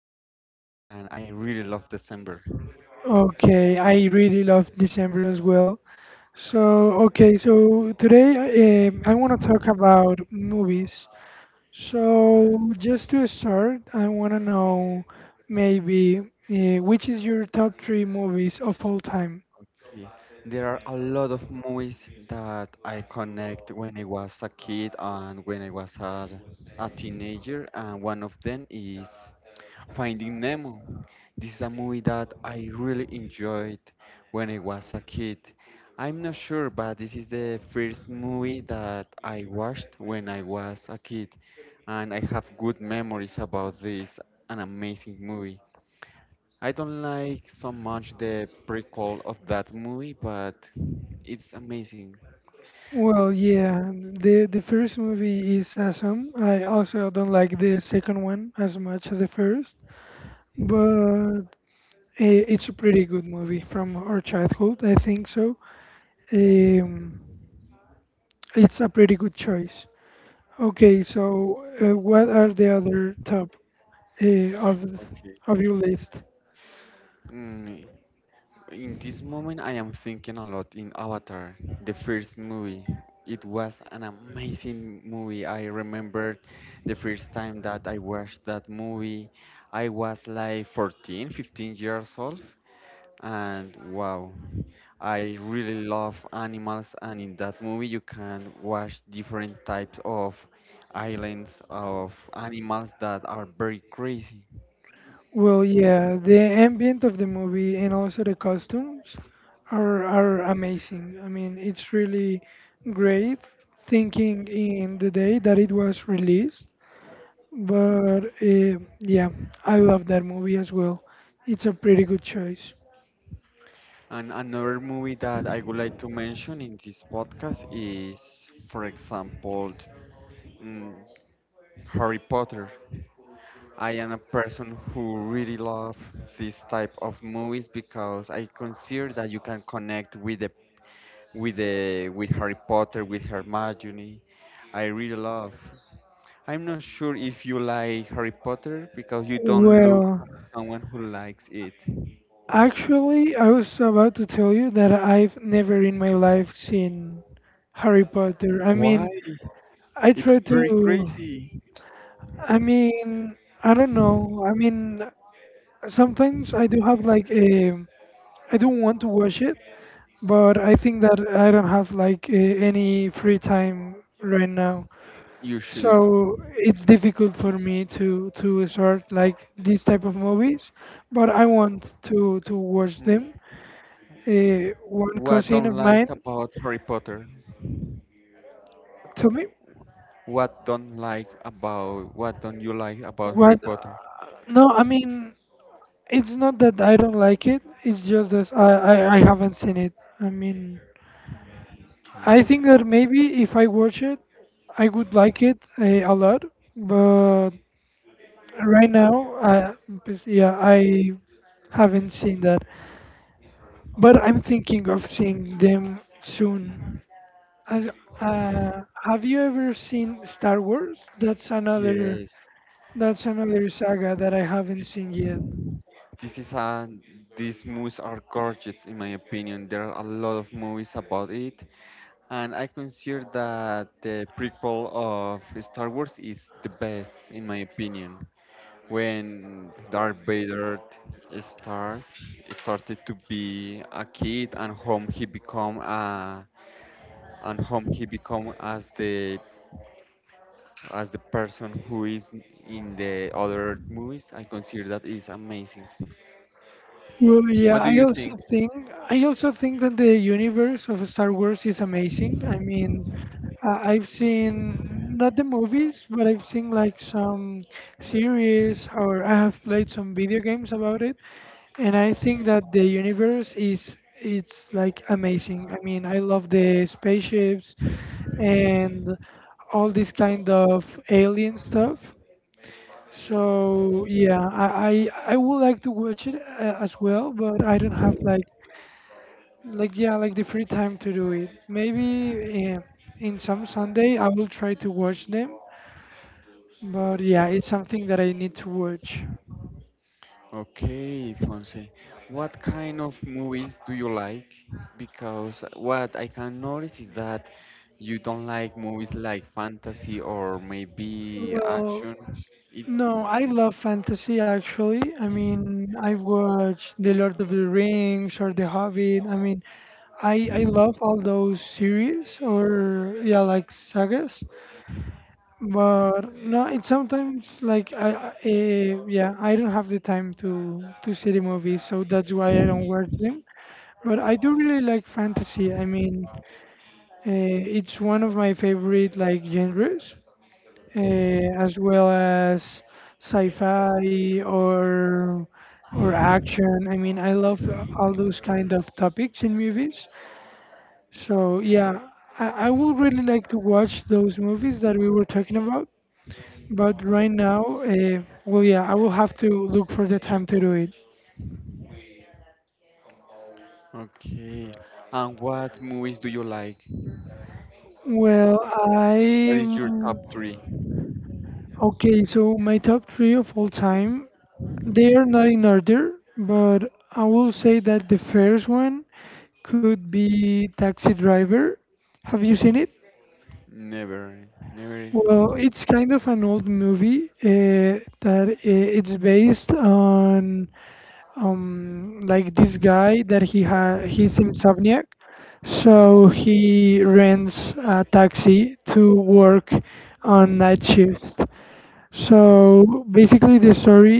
it's December and I really love December. Okay, I really love December as well. So today I want to talk about movies. So, just to start, I want to know maybe which is your top three movies of all time? Eh, There are a lot of movies that I connect when I was a kid and when I was a teenager, and one of them is Finding Nemo. This is a movie that I really enjoyed when I was a kid. I'm not sure, but this is the first movie that I watched when I was a kid, and I have good memories about this an amazing movie. I don't like so much the prequel of that movie, but it's amazing. Well, yeah, the first movie is awesome. I also don't like the second one as much as the first, but it's a pretty good movie from our childhood. I think so. Um, it's a pretty good choice. Okay, so what are the other top of Okay. of your list? Mm, In this moment, I am thinking a lot in Avatar, the first movie. It was an amazing movie. I remember the first time that I watched that movie. I was like 14, 15 years old. And wow, I really love animals. And in that movie, you can watch different types of islands of animals that are very crazy. Well, yeah, the ambient of the movie and also the costumes are amazing. I mean, it's really great thinking in the day that it was released. But yeah, I love that movie as well. It's a pretty good choice. And another movie that I would like to mention in this podcast is, for example, mm, Harry Potter. I am a person who really love this type of movies because I consider that you can connect with the with the with Harry Potter, with Hermione. I really love. I'm not sure if you like Harry Potter because you don't look like Well, someone who likes it. Actually, I was about to tell you that I've never in my life seen Harry Potter. I Why? mean, I try It's very to. crazy. I mean, I don't know. I mean, sometimes I do have like a. I don't want to watch it, but I think that I don't have like a, any free time right now. You should. So it's difficult for me to start like these type of movies, but I want to watch Mm. them. One What cousin don't of like mine about Harry Potter? told me What don't you like about what. Harry Potter? No, I mean, it's not that I don't like it, it's just that I haven't seen it. I mean, I think that maybe if I watch it I would like it a lot, but right now I bes- yeah I haven't seen that, but I'm thinking of seeing them soon. As- have you ever seen Star Wars? That's another. Yes, That's another saga that I haven't this seen yet. this is a these movies are gorgeous in my opinion. There are a lot of movies about it, and I consider that the prequel of Star Wars is the best in my opinion. When Darth Vader starts started to be a kid and whom he become as the person who is in the other movies. I consider that is amazing. Well, yeah, I also think that the universe of Star Wars is amazing. I mean, I've seen not the movies, but I've seen like some series, or I have played some video games about it, and I think that the universe is it's like amazing. I mean, I love the spaceships and all this kind of alien stuff. So yeah, I would like to watch it as well, but I don't have like like the free time to do it. Maybe in some Sunday I will try to watch them, but yeah, it's something that I need to watch. Okay, Fonse, what kind of movies do you like? Because what I can notice is that you don't like movies like fantasy or maybe Well, action. It no, I love fantasy actually. I mean, I've watched The Lord of the Rings or The Hobbit. I mean, I love all those series or yeah like sagas. But no, it's sometimes like yeah, I don't have the time to see the movies, so that's why I don't watch them. But I do really like fantasy. I mean, it's one of my favorite like genres, uh, as well as sci-fi or action. I mean, I love all those kind of topics in movies. So yeah, I would really like to watch those movies that we were talking about. But right now, well, yeah, I will have to look for the time to do it. Okay. And what movies do you like? Well, What I is your top three? okay. So my top three of all time, they are not in order, but I will say that the first one could be Taxi Driver. Have you seen it? Never, never. Well, it's kind of an old movie that it's based on like this guy that he's insomnia. So he rents a taxi to work on night shifts. So basically, the story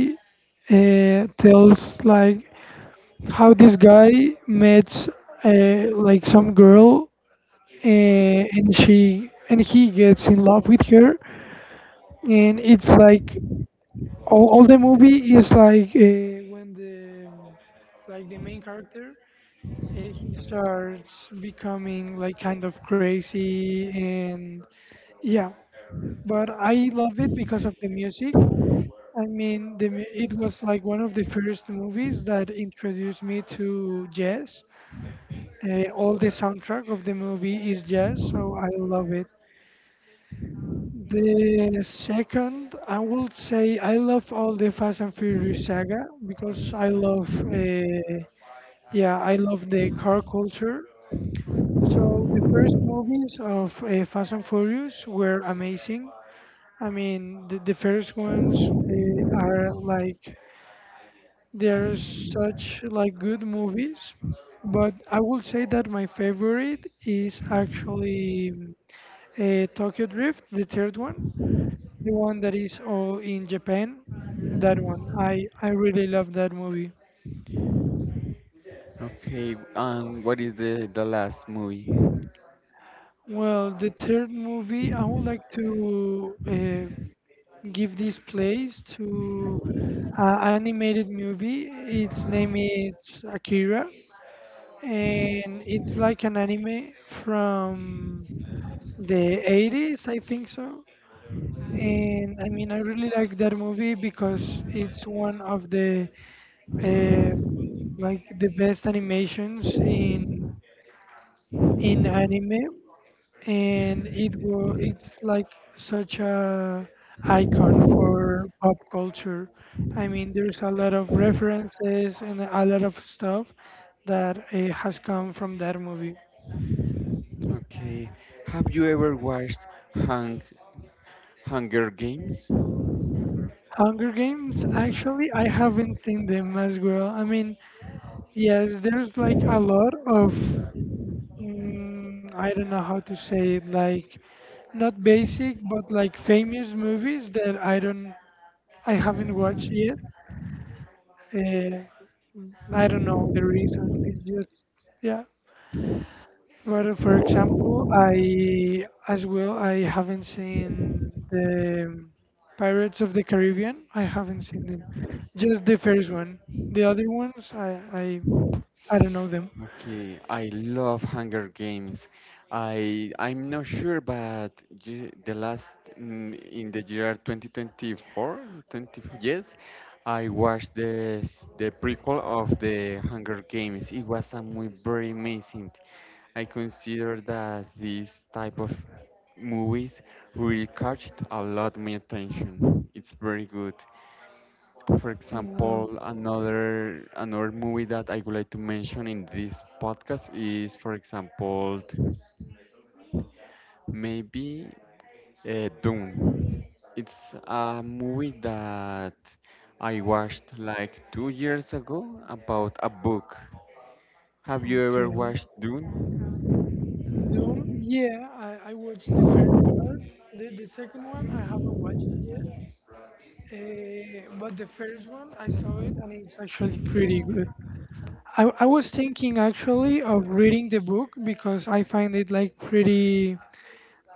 tells like how this guy met like some girl, and she and he gets in love with her, and it's like all the movie is like when the like the main character he starts becoming like kind of crazy and. Yeah, but I love it because of the music. I mean, it was like one of the first movies that introduced me to jazz. All the soundtrack of the movie is jazz, so I love it. The second, I would say I love all the Fast and Furious saga because I love, Okay. Yeah, I love the car culture. So the first movies of Fast and Furious were amazing. I mean, the first ones are like they're such like good movies, but I would say that my favorite is actually Tokyo Drift, the third one, the one that is all in Japan. That one, I really love that movie. Okay, and what is the last movie? Well, the third movie, I would like to give this place to animated movie. Its name is Akira, and it's like an anime from the 80s, I think so. And I mean, I really like that movie because it's one of the uh, like the best animations in anime, and it's like such a icon for pop culture. I mean, there's a lot of references and a lot of stuff that has come from that movie. Okay, have you ever watched Hung Hunger Games? Hunger Games, actually, I haven't seen them as well. I mean, yes, there's like a lot of, I don't know how to say it, like not basic, but like famous movies that I haven't watched yet. Uh, I don't know the reason. It's just, yeah. But for example, I as well I haven't seen the Pirates of the Caribbean. I haven't seen them. Just the first one. The other ones I don't know them. Okay, I love Hunger Games. I'm not sure, but the last in the year 2024, 20, yes, I watched the prequel of the Hunger Games. It was a muy very amazing. I consider that this type of movies really catched a lot my attention. It's very good. For Well, example, another movie that I would like to mention in this podcast is, for example, maybe Dune. It's a movie that I watched like 2 years ago about a book. Have you ever okay. watched Dune? The only, yeah, I watched the first part. The second one I haven't watched it yet. But the first one I saw it and it's actually pretty good. I was thinking actually of reading the book because I find it like pretty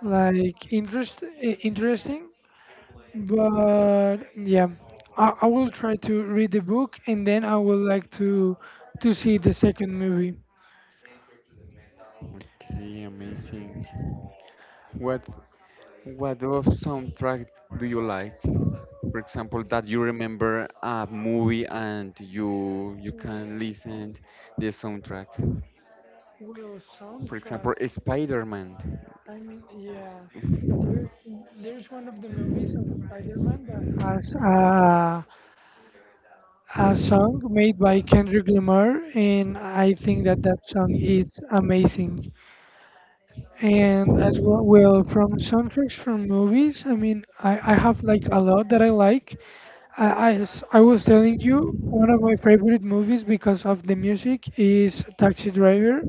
like interesting, but yeah, I will try to read the book and then I would like to see the second movie. Okay, amazing. What what of soundtrack do you like? For example, that you remember a movie and you can well listen the soundtrack. well For example, soundtrack. Spider-Man. I mean, yeah, there's one of the movies of Spider-Man that has a song made by Kendrick Lamar, and I think that that song is amazing. And as well, well, from soundtracks from movies, I mean, I have like a lot that I like. I was telling you, one of my favorite movies because of the music is Taxi Driver.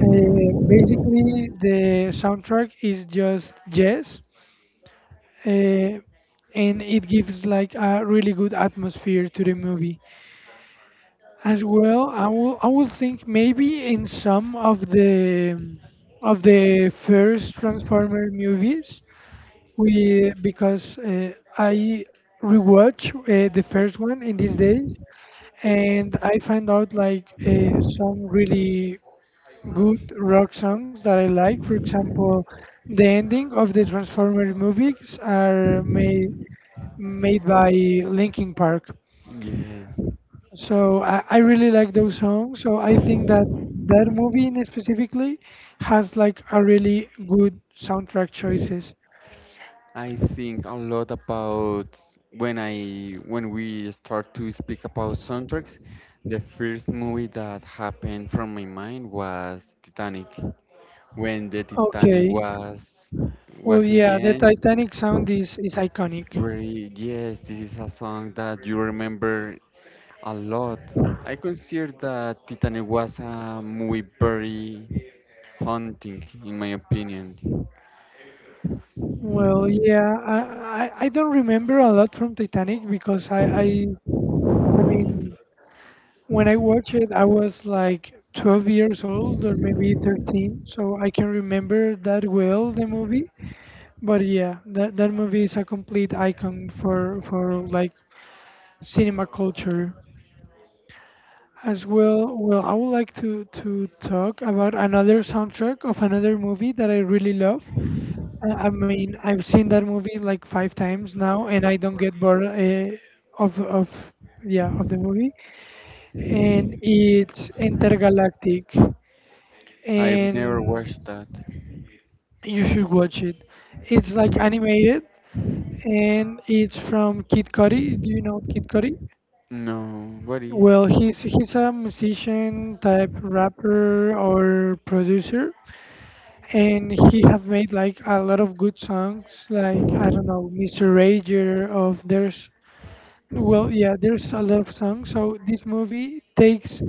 Basically, the soundtrack is just jazz, uh, and it gives like a really good atmosphere to the movie. As well, I will think maybe in some of the first Transformer movies. We Because I rewatch the first one in these days, and I find out like some really good rock songs that I like. For example, the ending of the Transformers movies are made by Linkin Park. Yes, So I really like those songs. So I think that that movie in specifically has like a really good soundtrack choices. I think a lot about when we start to speak about soundtracks. The first movie that happened from my mind was Titanic. When the Titanic Okay. Well, was in the yeah, the end. Titanic sound is It's iconic. very yes, this is a song that you remember a lot. I consider that Titanic was a movie very haunting in my opinion. Well, yeah, I don't remember a lot from Titanic because I mean when I watched it I was like 12 years old or maybe 13, so I can remember that well the movie. But yeah, that movie is a complete icon for like cinema culture. As well, well, I would like to talk about another soundtrack of another movie that I really love. I mean, I've seen that movie like five times now, and I don't get bored of yeah of the movie. And it's intergalactic, I've never and watched that. you should watch it. It's like animated, and it's from Kid Cudi. Do you know Kid Cudi? No, what is? Well, he's a musician type rapper or producer, and he have made like a lot of good songs, like I don't know, Mr. Rager of there's. Well, yeah, there's a lot of songs. So this movie takes,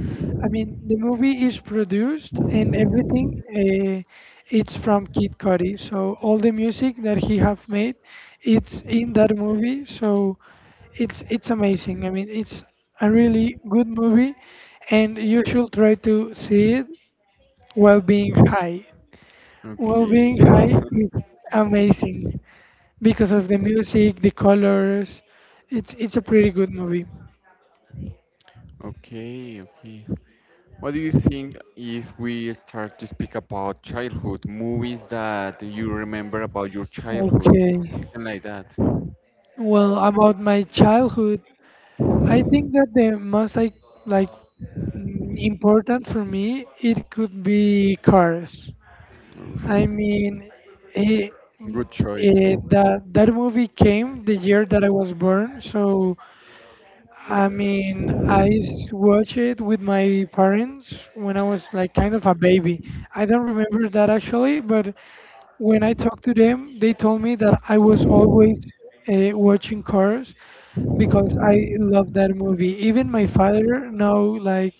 I mean, the movie is produced and everything. It's from Kid Cudi. So all the music that he have made, it's in that movie. So it's amazing. I mean, it's a really good movie, and you should try to see it while being high. While being Okay. high is amazing because of the music, the colors. It's a pretty good movie. Okay, okay. What do you think if we start to speak about childhood, movies that you remember about your childhood, Okay. something like that? Well, about my childhood, I think that the most like important for me it could be Cars. I Oof. mean, it, Good choice. That that movie came the year that I was born, so I mean, watched it with my parents when I was like kind of a baby. I don't remember that actually, but when I talked to them, they told me that I was always watching Cars because I love that movie. Even my father know like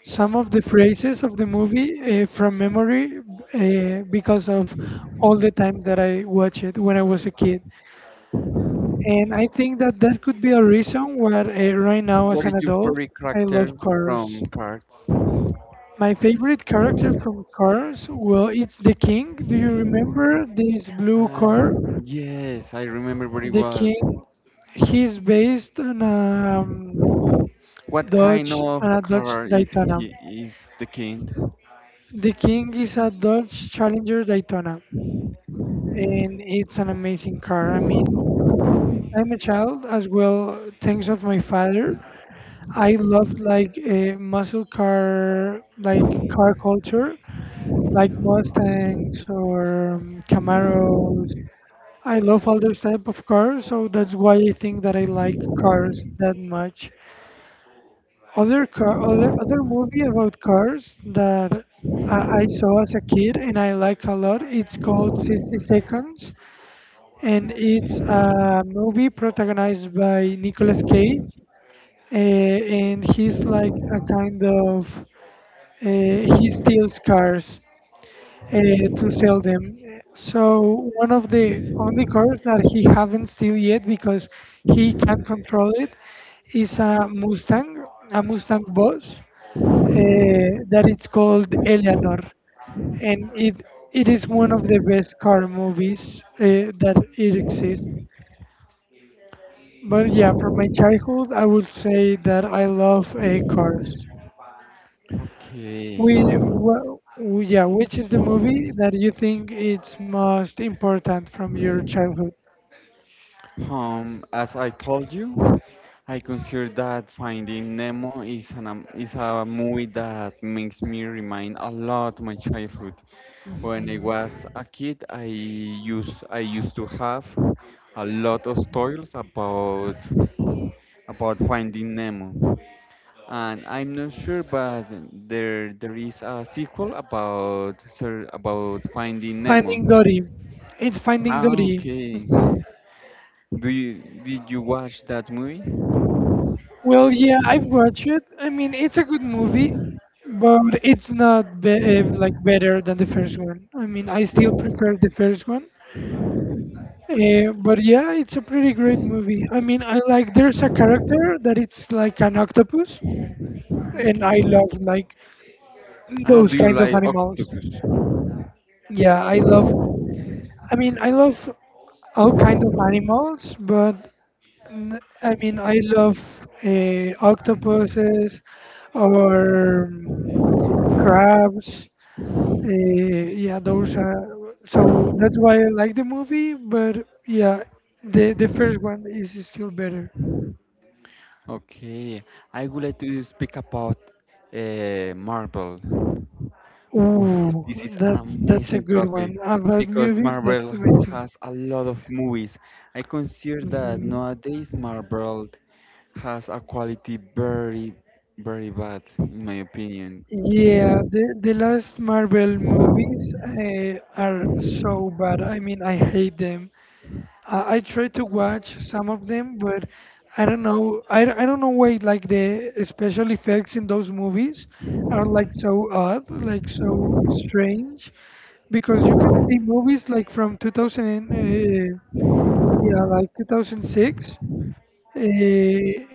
some of the phrases of the movie from memory because of all the time that I watch it when I was a kid. And I think that that could be a reason why right now as What an is your adult favorite I love character Cars. from Cards? My favorite character from Cars, well, it's the King. Do you remember this blue Uh, car? yes, I remember very The well. King. He's based on What kind Dodge of and a Dodge car is Daytona. he is the king? The King is a Dodge Challenger Daytona, and it's an amazing car. I mean, since I'm a child, as well, thanks of my father, I loved like a muscle car, like car culture, like Mustangs or Camaros. I love all those type of cars, so that's why I think that I like cars that much. Other car, other movie about cars that I saw as a kid and I like a lot. It's called 60 Seconds, and it's a movie protagonized by Nicolas Cage, and he's like a kind of he steals cars uh, to sell them. So one of the only cars that he haven't steal yet because he can't control it is a Mustang Boss uh, that it's called Eleanor, and it is one of the best car movies that it exists. But yeah, from my childhood, I would say that I love cars. Okay. We, wha- w yeah, which is the movie that you think it's most important from your childhood? As I told you, I consider that Finding Nemo is is a movie that makes me remind a lot my childhood. When I was a kid, I used to have a lot of stories about Finding Nemo, and I'm not sure, but there is a sequel about Finding Nemo. Finding Dory. It's Finding Ah, Dory. okay. Mm-hmm. Do you did you watch that movie? Well, yeah, I've watched it. I mean, it's a good movie, but it's not be like better than the first one. I mean, I still prefer the first one. But yeah, it's a pretty great movie. I mean, I like there's a character that it's like an octopus, and Okay. I love like Ah, those do you kind of like animals. octopus? Yeah, I love. I mean, I love all kind of animals, but I mean, I love octopuses or crabs. Yeah, those are. So that's why I like the movie. But yeah, the first one is still better. Okay. I would like to speak about Marvel. Oof, this Ooh, is an that's a amazing good topic one. About because movies, that's Marvel amazing. has a lot of movies. I consider that hmm nowadays Marvel has a quality very, very bad, in my opinion. Yeah, the last Marvel movies are so bad. I mean, I hate them. I try to watch some of them, but I don't know. I don't know why like the special effects in those movies are like so odd, like so strange, because you can see movies like from 2000, and, uh, yeah, like 2006. Uh,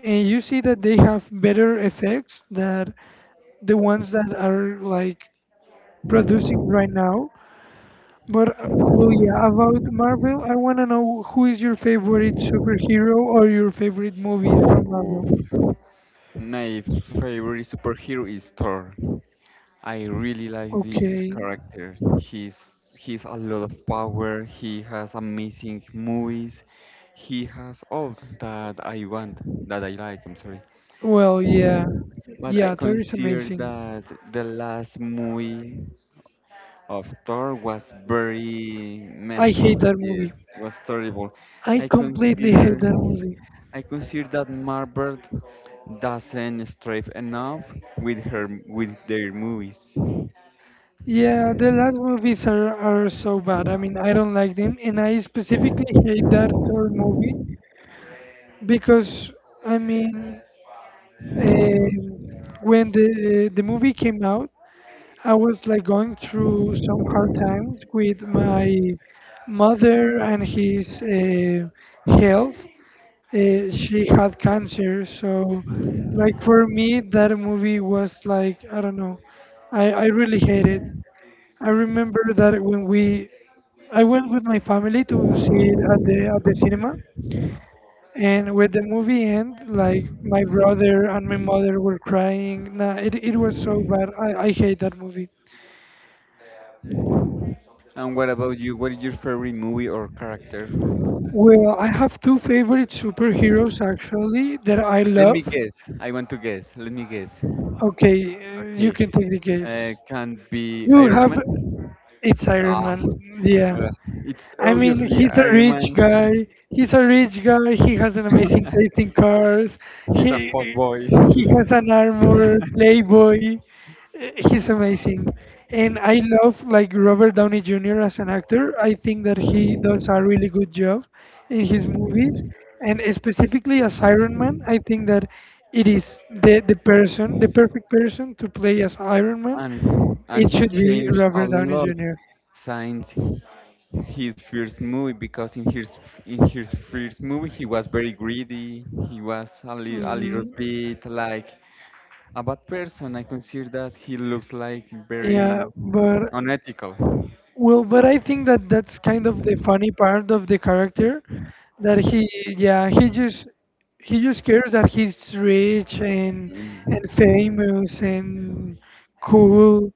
and you see that they have better effects than the ones that are like producing right now. But well, yeah, about Marvel, I want to know who is your favorite superhero or your favorite movie from Marvel. Oof. My favorite superhero is Thor. I really like this Okay. character. He's a lot of power. He has amazing movies. He has all that I want, that I like. I'm sorry, Well, yeah. but I Yeah, Thor is consider amazing. that the last movie of Thor was very meh. I hate that Yes, movie. was terrible. I I completely consider hate that movie. I consider that Marvel doesn't strive enough with their movies. Yeah, the last movies are so bad. I mean, I don't like them, and I specifically hate that Thor movie because I mean, when the movie came out, I was like going through some hard times with my mother and his health. She had cancer, so like for me, that movie was like I don't know. I really hate it. I remember that when we I went with my family to see it at the cinema, and when the movie end, like my brother and my mother were crying. Nah, it was so bad. I hate that movie. And what about you? What is your favorite movie or character? Well, I have two favorite superheroes actually that I Let me love. guess. I want to guess. Let me guess. Okay, you Okay. can take the guess. Can be You Iron have Man. it's Iron Ah, Man. Yeah. uh, it's I mean, obviously he's a Iron rich Man. guy. He's a rich guy. He has an amazing taste in cars. He's a He fuck boy. he has an armor, Playboy. He's amazing, and I love like Robert Downey Jr. as an actor. I think that he does a really good job in his movies, and specifically as Iron Man. I think that it is the person, the perfect person to play as Iron Man. and It and he should be changed a Robert Downey lot junior. since his first movie because in his first movie he was very greedy. He was a little Mhm. bit like a bad person, I consider that he looks like very Yeah, but unethical. well, but I think that that's kind of the funny part of the character that he, yeah, he just cares that he's rich and Mm. famous and cool.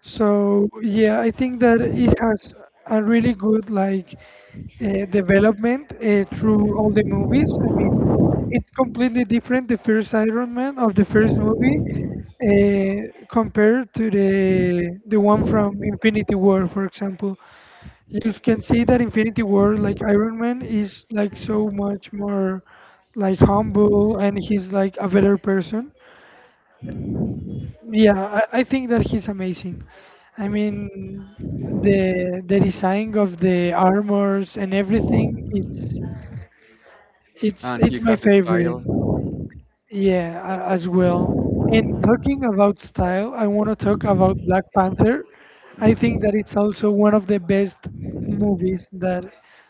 So yeah, I think that it has a really good like development through all the movies. I mean, it's completely different the first Iron Man of the first movie compared to the one from Infinity War, for example. You can see that Infinity War, like Iron Man, is like so much more like humble and he's like a better person. Yeah, I think that he's amazing. I mean, the design of the armors and everything, it's it's And he it's my has a favorite. style. Yeah, as well. And talking about style, I want to talk about Black Panther. I think that it's also one of the best movies that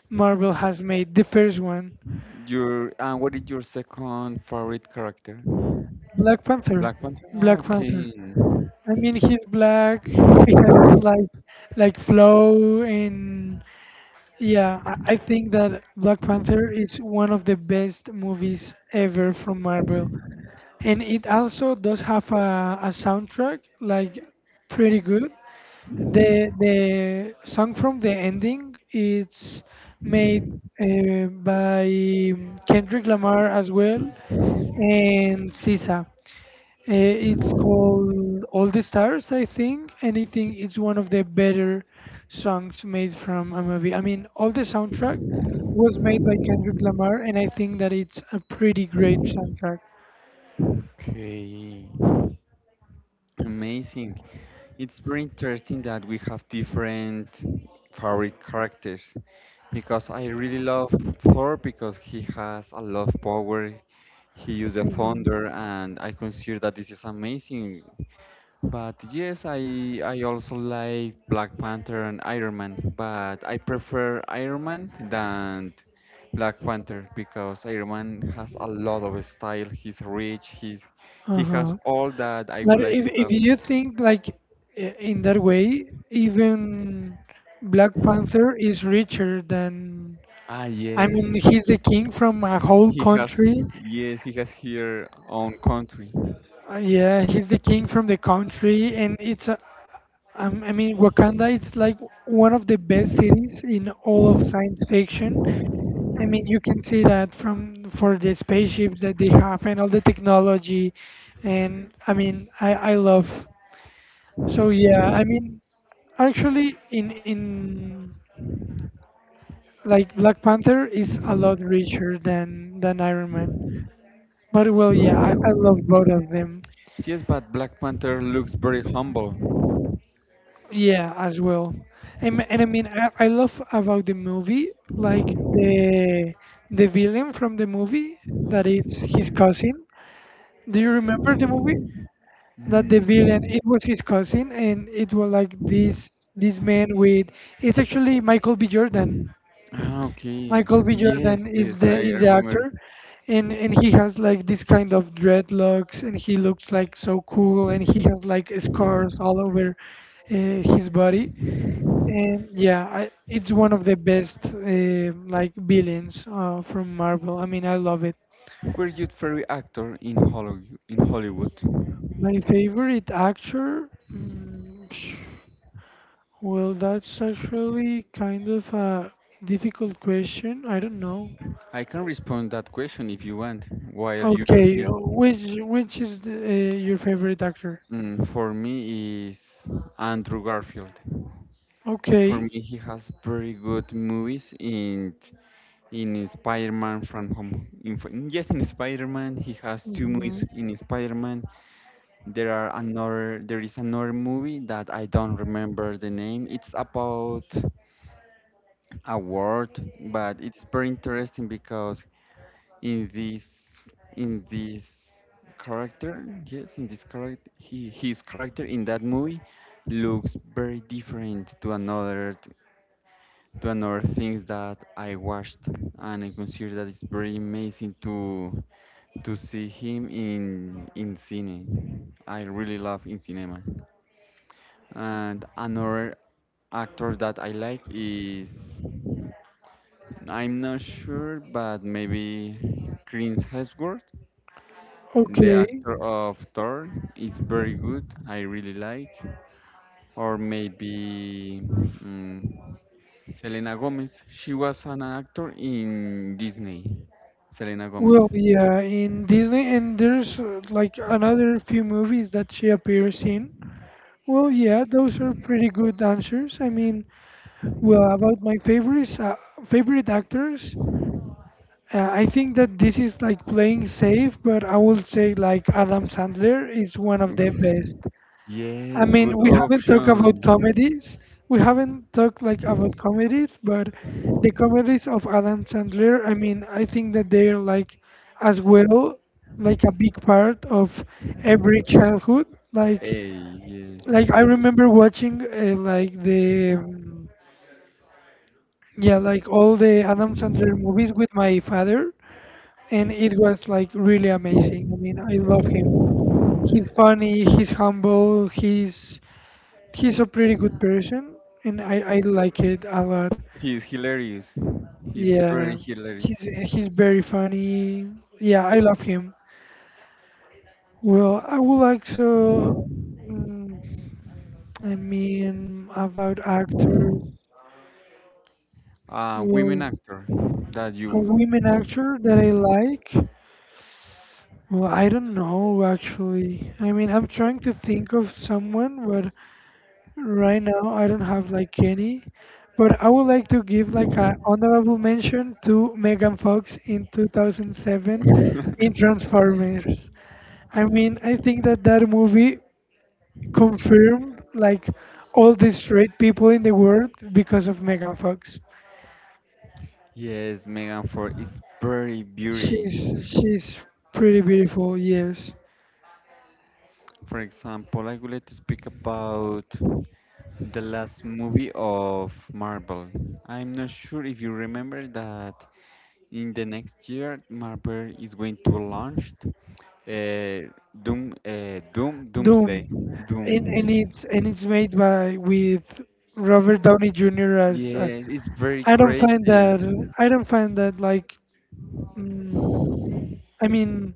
Marvel has made. The first one, Your and what is your second favorite character? Black Panther. Black Panther? Ah, Black Panther. okay. I mean, he's black. He has like flow and yeah, I think that Black Panther is one of the best movies ever from Marvel. And it also does have a soundtrack like pretty good. The song from the ending it's made by Kendrick Lamar as well and SZA. It's called All the Stars, I think, and I think it's one of the better songs made from a movie. I mean, all the soundtrack was made by Kendrick Lamar, and I think that it's a pretty great soundtrack. Okay. Amazing. It's very interesting that we have different favorite characters because I really love Thor because he has a lot of power. He uses Mhm. thunder, and I consider that this is amazing. But yes, I also like Black Panther and Iron Man, but I prefer Iron Man than Black Panther because Iron Man has a lot of style. He's rich. He has Uh-huh. all that I But would like if, to if have. you think like in that way, even Black Panther is richer than. Ah I mean, he's the king from a whole he has country. yes he has here own country. Yeah, he's the king from the country, and it's. A, I mean, Wakanda. It's like one of the best cities in all of science fiction. I mean, you can see that from for the spaceships that they have and all the technology, and I mean, I love. So yeah, I mean. Actually, in like Black Panther is a lot richer than Iron Man. But well, yeah, I love both of them. Yes, but Black Panther looks very humble. Yeah, as well. And I mean, I love about the movie like the villain from the movie that it's his cousin. Do you remember the movie? That the Mm. villain it was his cousin and it was like this man with it's actually Michael B. Jordan. Ah, okay. Michael B. Jordan Yes, yes, I is the remember. actor, and he has like this kind of dreadlocks, and he looks like so cool, and he has like scars all over uh, his body, and yeah, it's one of the best like villains from Marvel. I mean, I love it. Were you favorite actor in Hollywood? In Hollywood? My favorite actor. Mm, sh- well, that's actually kind of a difficult question. I don't know. I can respond that question if you want, while you Okay, think. Which is the, your favorite actor? For me is Andrew Garfield. For Okay. me, he has very good movies in Spider-Man from Home. Yes, in Spider-Man, he has two movies hmm in Spider-Man. There are another. There is another movie that I don't remember the name. It's about. Award, but it's very interesting because in this in this character, yes, in this character, he, his character in that movie looks very different to another things that I watched, and I consider that it's very amazing to see him in cine. I really love in cinema, and another actor that I like is I'm not sure, but maybe Chris Hemsworth, the Okay. actor of Thor, is very good. I really like. Or maybe Selena Gomez. She was an actor in Disney. Selena Well, Gomez. yeah, in Disney, and there's like another few movies that she appears in. Well, yeah, those are pretty good answers. I mean, well, about my favorites, favorite actors, I think that this is like playing safe, but I would say like Adam Sandler is one of the best. I Yes, mean, good we haven't talked about option. comedies. We haven't talked like about comedies, but the comedies of Adam Sandler, I mean, I think that they're like as well like a big part of every childhood. Like, Hey, like yes. I remember watching like the yeah, like all the Adam Sandler movies with my father, and it was like really amazing. I mean, I love him. He's funny, he's humble, he's a pretty good person, and I like it a lot. He's hilarious. He's Yeah, very hilarious. He's very funny. Yeah, I love him. Well, I would like to. mm, I mean, about actors. Women Well, actor that a you. women actor that I Mhm. like. Well, I don't know actually. I mean, I'm trying to think of someone, but right now, I don't have like any, but I would like to give like an honorable mention to Megan Fox in 2007 in Transformers. I mean, I think that that movie confirmed like all the straight people in the world because of Megan Fox. Yes, Megan, for its very beauty. She's pretty beautiful, yes. For example, I would like to speak about the last movie of Marvel. I'm not sure if you remember that in the next year Marvel is going to launch Doom, Doomsday, Doom, Doom. And it's made by with Robert Downey Jr. As Yeah, it's very I don't find crazy. that I don't find that like Mm, I mean,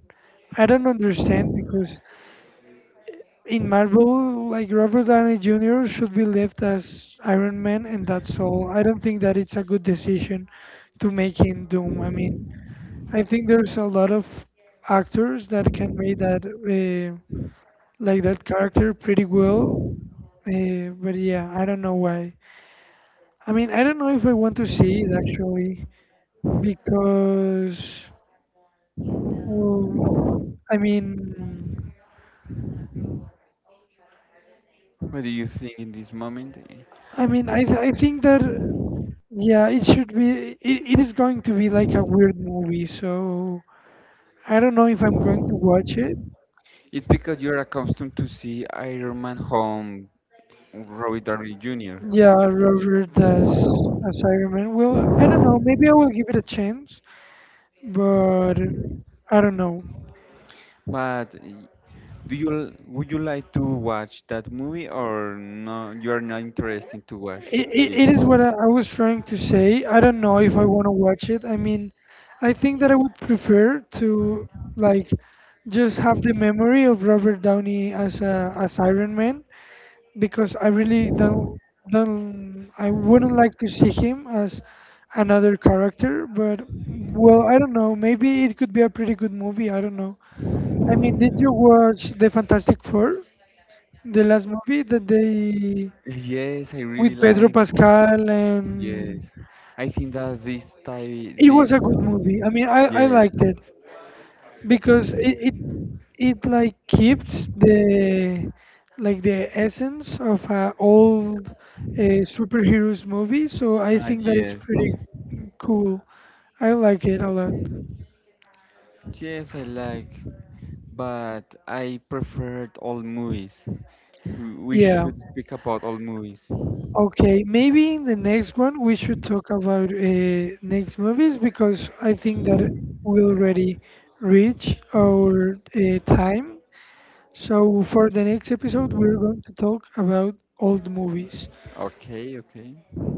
I don't understand because in Marvel, like Robert Downey Jr. should be left as Iron Man, and that's all. I don't think that it's a good decision to make him Doom. I mean, I think there's a lot of actors that can make that like that character pretty well. But yeah, I don't know why. I mean, I don't know if I want to see it actually because, well, I mean. What do you think in this moment? I mean, I think that yeah, it should be it is going to be like a weird movie, so I don't know if I'm going to watch it. It's because you're accustomed to see Iron Man home, Robbie Downey Jr. Yeah, Robert as Iron Man. Well, I don't know. Maybe I will give it a chance, but I don't know. But do you would you like to watch that movie or no? You are not interested to watch it. It is what I was trying to say. I don't know if I want to watch it. I mean, I think that I would prefer to like just have the memory of Robert Downey as as Iron Man because I really don't I wouldn't like to see him as another character, but well, I don't know. Maybe it could be a pretty good movie. I don't know. I mean, did you watch the Fantastic Four, the last movie that they Yes, I really with Pedro like. Pascal Yes, and I think that this type, it was this. a good movie. I mean, I liked Yes, it. Because it like keeps the like the essence of old superheroes movie, so I ah, think that it's yes, pretty cool. I like it a lot. yes, I like. But I preferred all movies. We Yeah, should speak about all movies. okay, maybe in the next one we should talk about next movies because I think that we already reach our time, so for the next episode we're going to talk about old movies. Okay, okay.